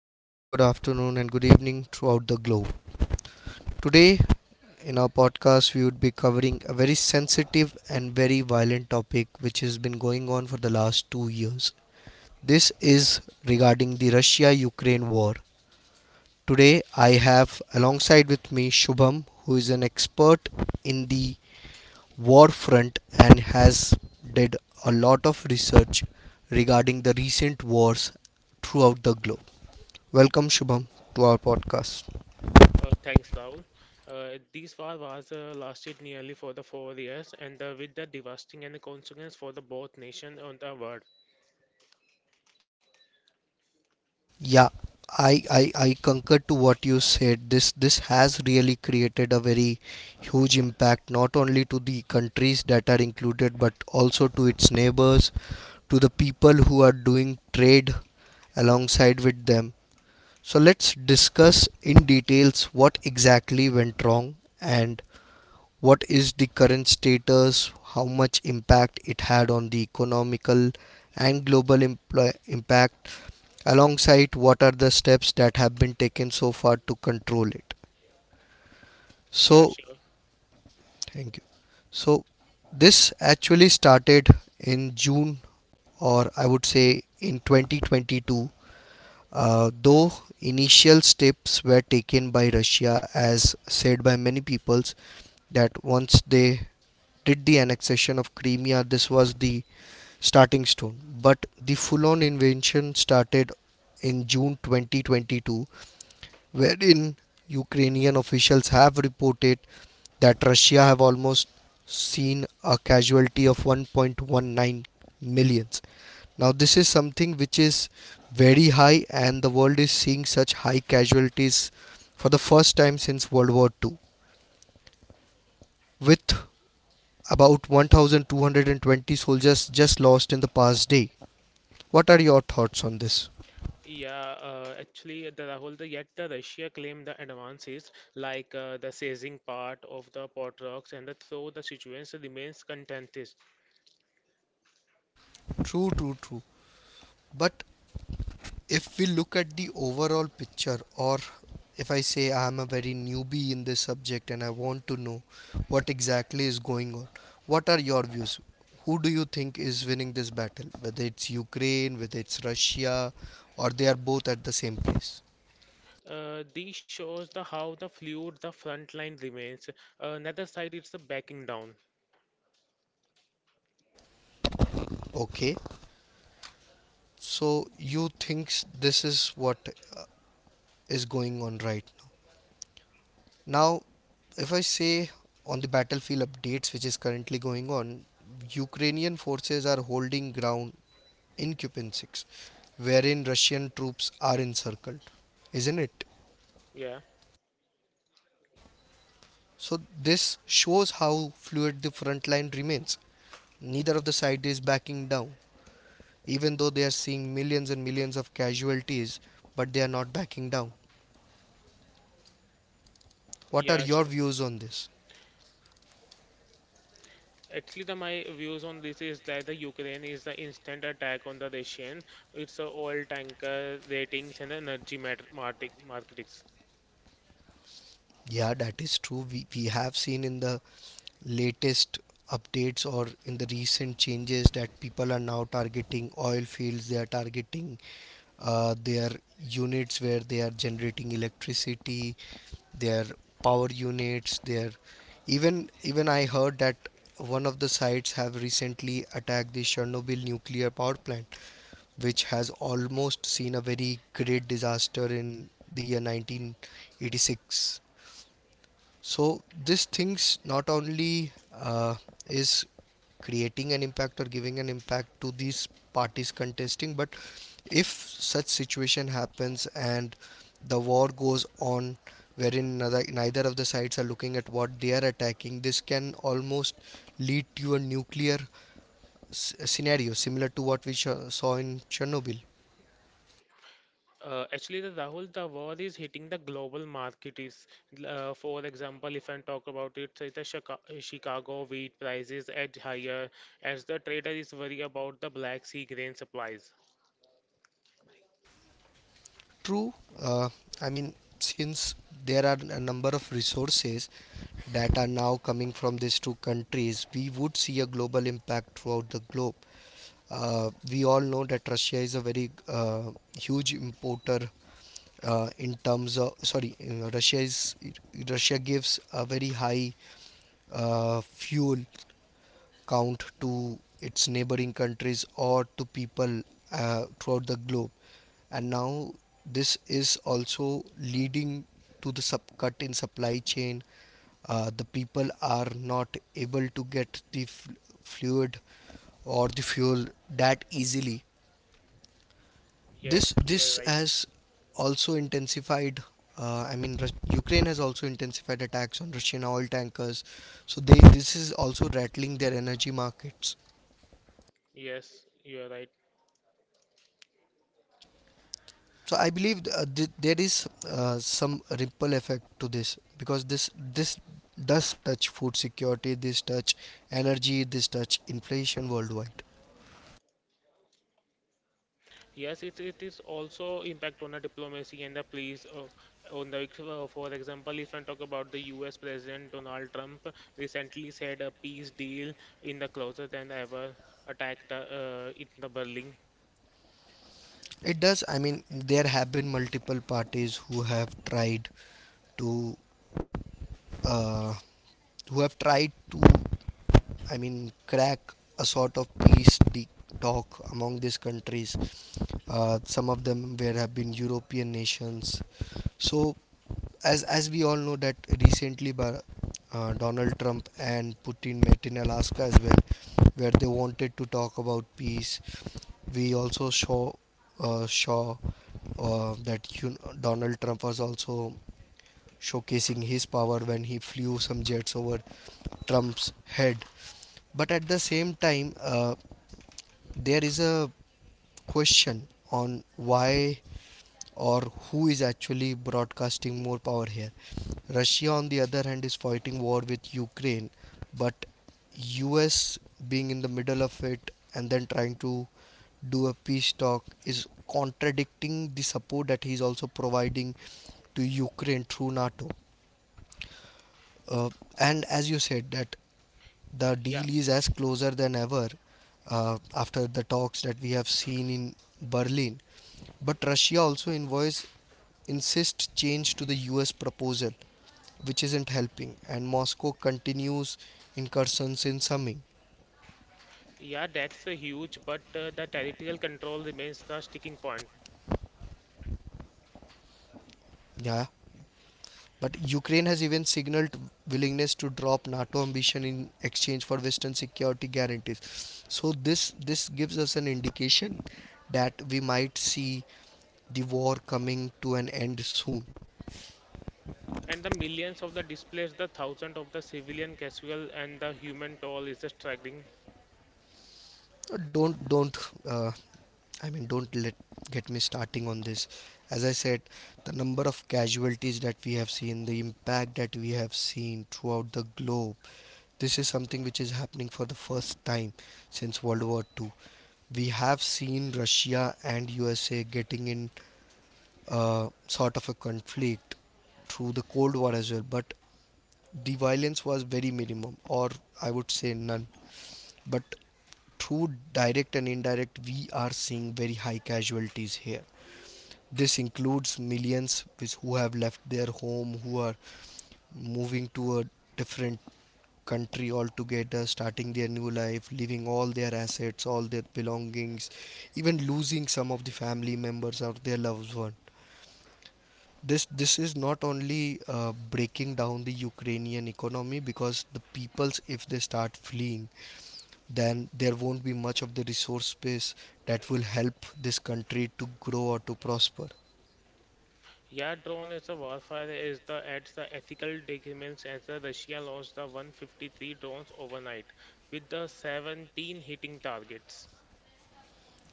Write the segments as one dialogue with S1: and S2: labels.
S1: Good morning, good afternoon, and good evening throughout the globe. Today, in our podcast, we would be covering a very sensitive and very violent topic which has been going on for the last 2 years. This is regarding the Russia Ukraine war. Today, I have alongside with me Shubham, who is an expert in the war front and has did a lot of research regarding the recent wars throughout the globe. Welcome, Shubham, to our podcast.
S2: Thanks, Paul. This war was lasted nearly for the 4 years, and with the devastating and consequence for the both nation on the world.
S1: Yeah, I concur to what you said. This has really created a very huge impact, not only to the countries that are included, but also to its neighbors, to the people who are doing trade alongside with them. So let's discuss in details what exactly went wrong and what is the current status, how much impact it had on the economical and global impact, alongside what are the steps that have been taken so far to control it.
S2: Yeah,
S1: So,
S2: sure.
S1: thank you. So, this actually started in June, or I would say in 2022, though initial steps were taken by Russia, as said by many peoples, that once they did the annexation of Crimea, this was the starting stone. But the full on invasion started in June 2022, wherein Ukrainian officials have reported that Russia have almost seen a casualty of 1.19 millions. Now, this is something which is very high, and the world is seeing such high casualties for the first time since World War II, with about 1,220 soldiers just lost in the past day. What are your thoughts on this?
S2: Yeah, actually, the Rahul, the, yet the Russia claimed the advances like the seizing part of the pot rocks, and the, so the situation remains contentious.
S1: True, true, true. But if we look at the overall picture, or if I say I am a very newbie in this subject and I want to know what exactly is going on, what are your views, who do you think is winning this battle, whether it's Ukraine, whether it's Russia, or they are both at the same place?
S2: This shows the how the fluid the front line remains. Neither side is the backing down.
S1: Okay, so you thinks this is what uh, is going on right now. If I say, on the battlefield updates which is currently going on, Ukrainian forces are holding ground in, wherein Russian troops are encircled, isn't it?
S2: Yeah,
S1: So this shows how fluid the front line remains. Neither of the side is backing down, even though they are seeing millions and millions of casualties, but they are not backing down. What are
S2: yeah,
S1: your
S2: sure.
S1: views on this?
S2: Actually, the my views on this is that the Ukraine is the instant attack on the Russian. It's a oil tanker ratings and the energy market markets.
S1: Yeah, that is true. We have seen in the latest updates or in the recent changes that people are now targeting oil fields, they are targeting their units where they are generating electricity, their power units, their even even I heard that one of the sites have recently attacked the Chernobyl nuclear power plant, which has almost seen a very great disaster in the year 1986. So these things not only is creating an impact or giving an impact to these parties contesting, but if such situation happens and the war goes on, wherein neither of the sides are looking at what they are attacking, this can almost lead to a nuclear scenario similar to what we saw in Chernobyl.
S2: Actually, the Rahul, the war is hitting the global markets. For example, if I talk about it, say the Chicago wheat prices edge higher as the trader is worried about the Black Sea grain supplies.
S1: True. Uh, i mean, since there are a number of resources that are now coming from these two countries, we would see a global impact throughout the globe. We all know that Russia is a very huge importer in terms of sorry, Russia gives a very high fuel count to its neighboring countries or to people throughout the globe. And now this is also leading to the cut in supply chain. The people are not able to get the fluid or the fuel that easily.
S2: Yes,
S1: This
S2: you are
S1: this
S2: right.
S1: has also intensified. I mean, Ukraine has also intensified attacks on Russian oil tankers, so they this is also rattling their energy markets.
S2: Yes, you are right.
S1: So I believe there is some ripple effect to this because this does touch food security, this touch energy, this touch inflation worldwide.
S2: Yes, it is also impact on the diplomacy and the police. On the for example, if I talk about the U.S. President Donald Trump recently said a peace deal in the closer than ever attacked in the Berlin.
S1: It does. I mean, there have been multiple parties who have tried to uh, who have tried to I mean crack a sort of talk among these countries. Some of them where have been European nations. So as we all know that recently Donald Trump and Putin met in Alaska as well, where they wanted to talk about peace. We also saw uh, saw that you know, Donald Trump was also showcasing his power when he flew some jets over Trump's head. But at the same time, there is a question on why or who is actually broadcasting more power here. Russia, on the other hand, is fighting war with Ukraine, but US being in the middle of it and then trying to do a peace talk is contradicting the support that he is also providing to Ukraine through NATO. Uh, and as you said, that the
S2: Yeah,
S1: deal is as closer than ever after the talks that we have seen in Berlin. But Russia also envoys insist change to the US proposal, which isn't helping, and Moscow continues incursions in Sumy.
S2: yeah, that's a huge, but the territorial control remains the sticking point.
S1: Yeah, but Ukraine has even signaled willingness to drop NATO ambition in exchange for Western security guarantees. So this gives us an indication that we might see the war coming to an end soon.
S2: And the millions of the displaced, the thousands of the civilian casual, and the human toll is staggering.
S1: Don't uh, I mean, don't let get me starting on this. As I said, the number of casualties that we have seen, the impact that we have seen throughout the globe, this is something which is happening for the first time since World War Two. We have seen Russia and USA getting in sort of a conflict through the Cold War as well, but the violence was very minimum, or I would say none. But through direct and indirect, we are seeing very high casualties here. This includes millions which, who have left their home, who are moving to a different country altogether, starting their new life, leaving all their assets, all their belongings, even losing some of the family members or their loved one. This is not only breaking down the Ukrainian economy because the peoples, if they start fleeing, then there won't be much of the resource base that will help this country to grow or to prosper.
S2: Yeah, drone is a warfare is the adds the ethical disagreements as the Russia launched the 153 drones overnight with the 17 hitting targets.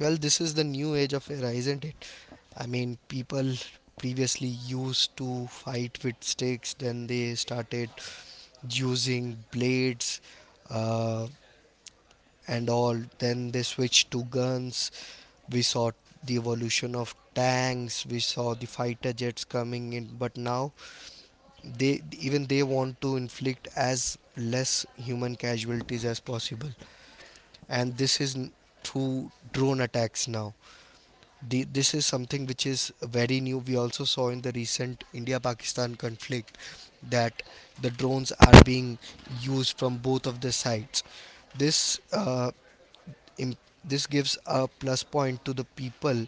S1: Well, this is the new age of era, isn't it? I mean, people previously used to fight with sticks, then they started using blades uh, and all, then they switched to guns. We saw the evolution of tanks, we saw the fighter jets coming in, but now they even they want to inflict as less human casualties as possible, and through drone attacks now. This is something which is very new. We also saw in the recent India Pakistan conflict that the drones are being used from both of the sides. This uh, im- this gives a plus point to the people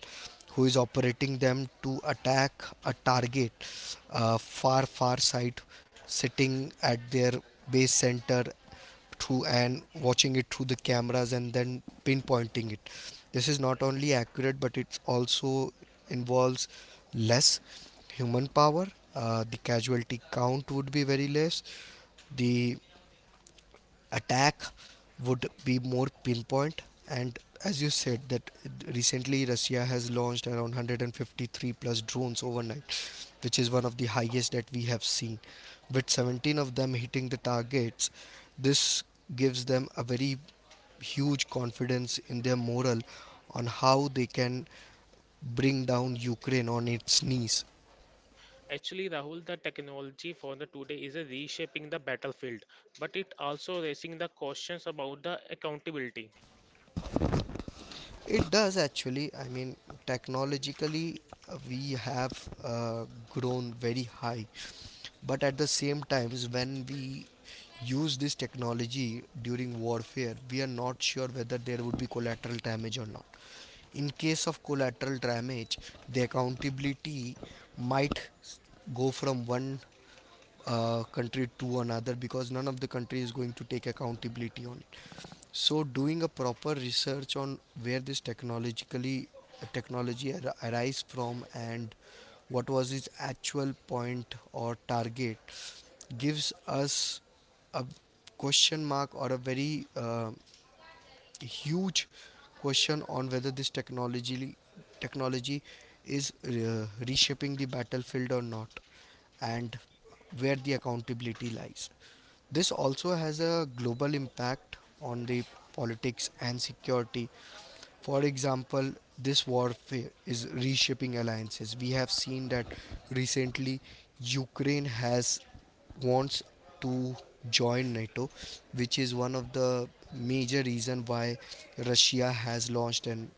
S1: who is operating them to attack a target far side, sitting at their base center through and watching it through the cameras and then pinpointing it. This is not only accurate but it's also involves less human power. Uh, the casualty count would be very less, the attack would be more pinpoint. And as you said that recently Russia has launched around 153 plus drones overnight, which is one of the highest that we have seen, with 17 of them hitting the targets. This gives them a very huge confidence in their morale on how they can bring down Ukraine on its knees.
S2: Actually, Rahul, the technology for the today is a reshaping the battlefield, but it also raising the questions about the accountability.
S1: It does actually. I mean, technologically we have grown very high. But at the same times, when we use this technology during warfare, we are not sure whether there would be collateral damage or not. In case of collateral damage, the accountability might go from one country to another because none of the country is going to take accountability on it. So, doing a proper research on where this technologically arise from and what was its actual point or target gives us a question mark or a very huge question on whether this technology is reshaping the battlefield or not, and where the accountability lies. This also has a global impact on the politics and security. For example, this warfare is reshaping alliances. We have seen that recently Ukraine has wants to join NATO, which is one of the major reason why Russia has launched an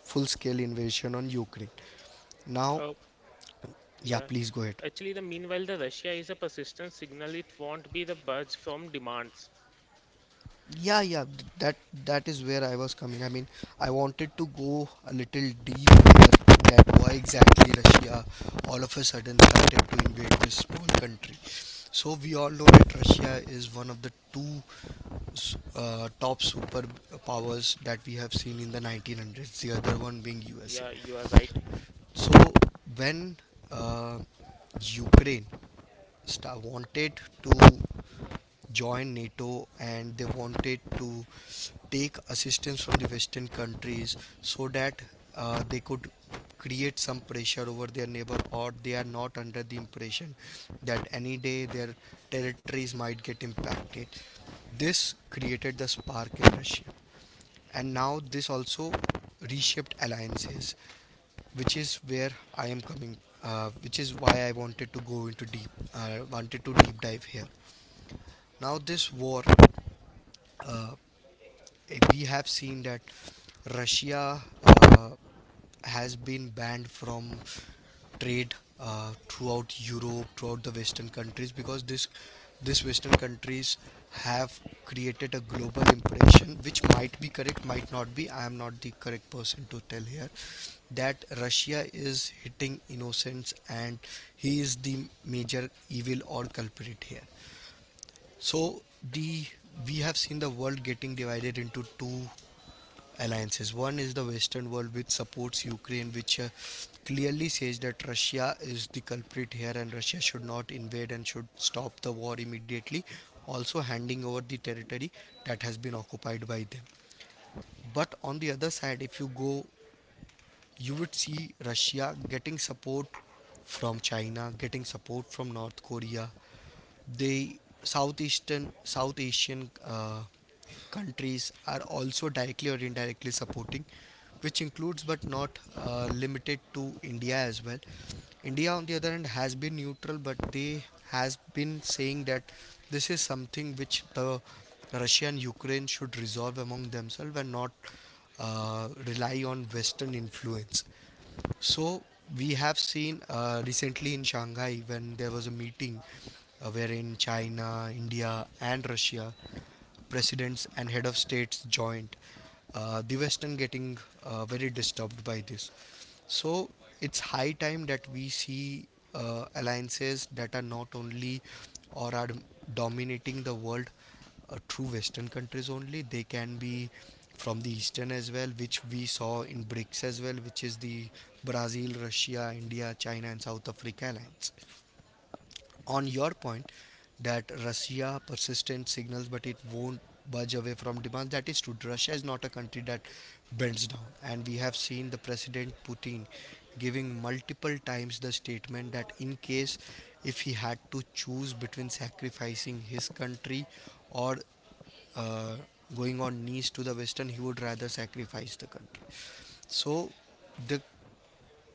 S1: full scale invasion on Ukraine. Now,
S2: Oh,
S1: yeah,
S2: yeah.
S1: please go ahead.
S2: Actually, the meanwhile, the Russia is a persistent signal. It won't be the budge from demands.
S1: Yeah, yeah, that is where I was coming. I mean, I wanted to go a little deep here that why exactly Russia all of a sudden started to invade this small country. So we all know that Russia is one of the two top superpowers that we have seen in the 1900s. The other one being
S2: Yeah, you are
S1: USA.
S2: right.
S1: So when uh, Ukraine wanted to join NATO, and they wanted to take assistance from the Western countries so that they could create some pressure over their neighbor, or they are not under the impression that any day their territories might get impacted. This created the spark in Russia, and now this also reshaped alliances, which is where I am coming, which is why I wanted to go into deep, wanted to deep dive here. Now this war, uh, we have seen that Russia uh, has been banned from trade throughout Europe, throughout the Western countries, because this Western countries have created a global impression, which might be correct, might not be. I am not the correct person to tell here that Russia is hitting innocents and he is the major evil or culprit here. So the we have seen the world getting divided into two alliances. One is the Western world, which supports Ukraine, which clearly says that Russia is the culprit here, and Russia should not invade and should stop the war immediately. Also, handing over the territory that has been occupied by them. But on the other side, if you go, you would see Russia getting support from China, getting support from North Korea, the southeastern South Asian countries are also directly or indirectly supporting, which includes but not limited to India as well. India, on the other hand, has been neutral, but they has been saying that this is something which the Russia and Ukraine should resolve among themselves and not rely on Western influence. So we have seen recently in Shanghai when there was a meeting wherein China, India, and Russia presidents and head of states joined, the Western getting very disturbed by this. So it's high time that we see alliances that are not only or are dominating the world through Western countries only. They can be from the Eastern as well, which we saw in BRICS as well, which is the Brazil, Russia, India, China, and South Africa alliance. On your point that Russia persistent signals but it won't budge away from demands. That is true. Russia is not a country that bends down, and we have seen the President Putin giving multiple times the statement that in case if he had to choose between sacrificing his country or uh, going on knees to the Western, he would rather sacrifice the country. So the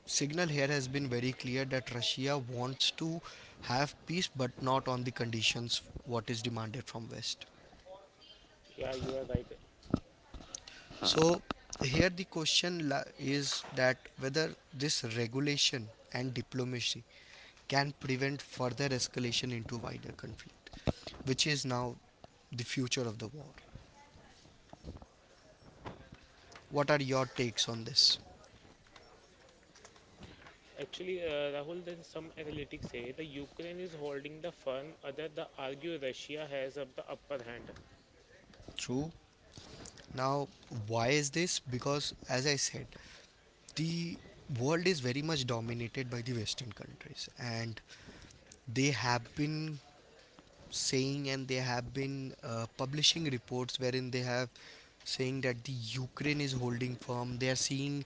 S1: signal here has been very clear that Russia wants to have peace but not on the conditions what is demanded from West.
S2: Yeah, you are right.
S1: So here the question is that whether this regulation and diplomacy can prevent further escalation into wider conflict, which is now the future of the war. What are your takes on this?
S2: Actually, Rahul, then some analytics say the Ukraine is holding the firm, other the argue Russia has up the upper hand.
S1: True. Now, why is this? Because, as I said, the world is very much dominated by the Western countries, and they have been saying and they have been publishing reports wherein they have saying that the Ukraine is holding firm. They are seeing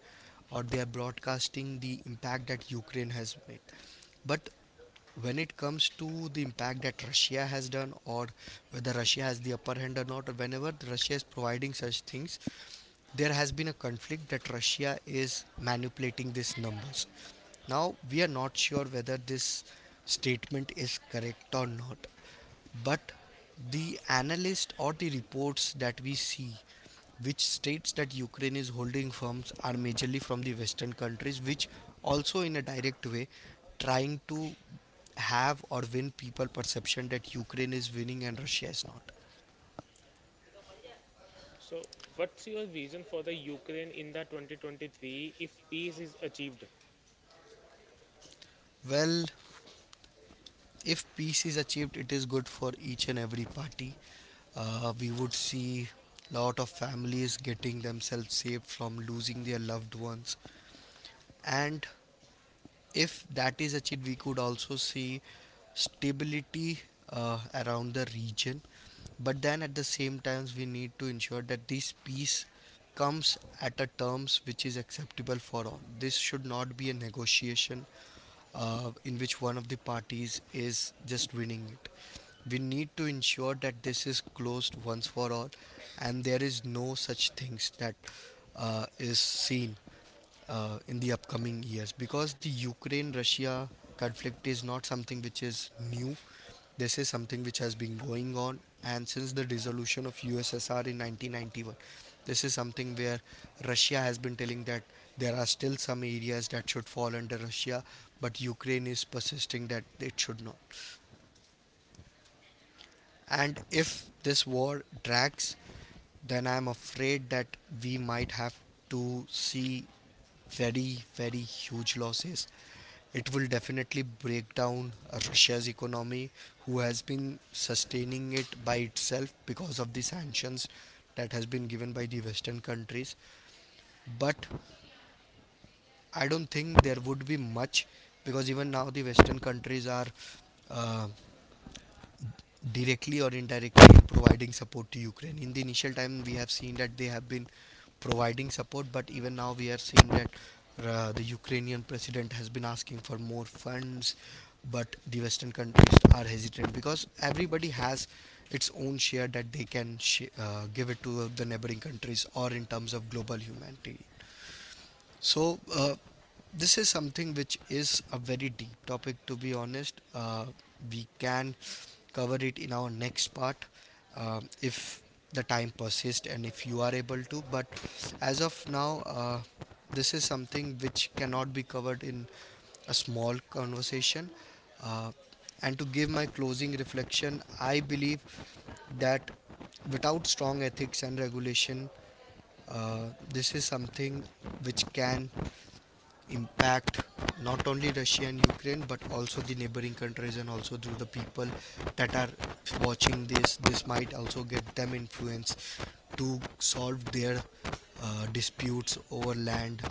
S1: or they are broadcasting the impact that Ukraine has made. But when it comes to the impact that Russia has done or whether Russia has the upper hand or not, or whenever Russia is providing such things, there has been a conflict that Russia is manipulating these numbers. Now, we are not sure whether this statement is correct or not, but the analyst or the reports that we see which states that Ukraine is holding firms are majorly from the Western countries, which also in a direct way trying to have or win people perception that Ukraine is winning and Russia is not.
S2: So, what's your vision for the Ukraine in the 2023 if peace is achieved?
S1: Well, if peace is achieved, it is good for each and every party. We would see lot of families getting themselves saved from losing their loved ones, and if that is achieved we could also see stability uh, around the region, but then at the same times we need to ensure that this peace comes at a terms which is acceptable for all. This should not be a negotiation in which one of the parties is just winning it. We need to ensure that this is closed once for all, and there is no such things that is seen in the upcoming years, because the Ukraine Russia conflict is not something which is new. This is something which has been going on, and since the dissolution of USSR in 1991, this is something where Russia has been telling that there are still some areas that should fall under Russia, but Ukraine is persisting that it should not. And if this war drags, then I'm afraid that we might have to see very, very huge losses. It will definitely break down Russia's economy, who has been sustaining it by itself because of the sanctions that has been given by the Western countries. But I don't think there would be much, because even now the Western countries are uh, directly or indirectly providing support to Ukraine. In the initial time, we have seen that they have been providing support, but even now we are seeing that the Ukrainian president has been asking for more funds, but the Western countries are hesitant because everybody has its own share that they can give it to the neighboring countries or in terms of global humanity. So this is something which is a very deep topic, to be honest. We can cover it in our next part if the time persists and if you are able to. But as of now, this is something which cannot be covered in a small conversation. Uh, and to give my closing reflection, I believe that without strong ethics and regulation, this is something which can impact not only Russia and Ukraine but also the neighboring countries and also through the people that are watching this. This might also get them influence to solve their disputes over land,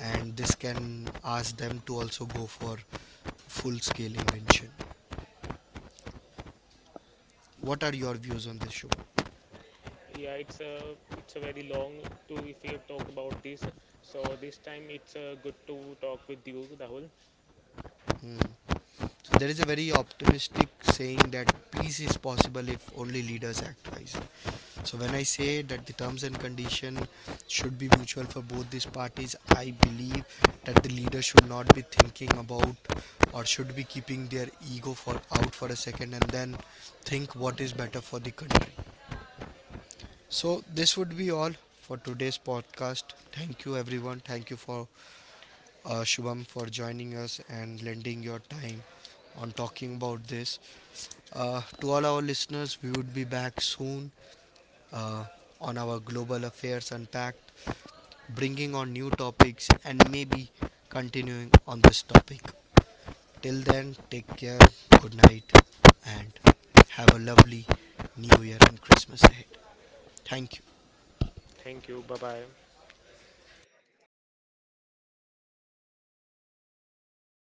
S1: and this can ask them to also go for full-scale invention. What are your views on this show?
S2: Yeah, it's a very long to if we talk about this. So this time it's good to talk with you, Rahul.
S1: Hmm. So there is a very optimistic saying that peace is possible if only leaders act wisely. So when I say that the terms and condition should be mutual for both these parties, I believe that the leader should not be thinking about or should be keeping their ego for out for a second and then think what is better for the country. So this would be all for today's podcast. Thank you everyone. Thank you for Shubham for joining us and lending your time on talking about this. To all our listeners, we would be back soon uh, on our Global Affairs Unpacked, bringing on new topics, and maybe continuing on this topic. Till then, take care, good night, and have a lovely New Year and Christmas ahead. Thank you.
S2: Thank you. Bye bye.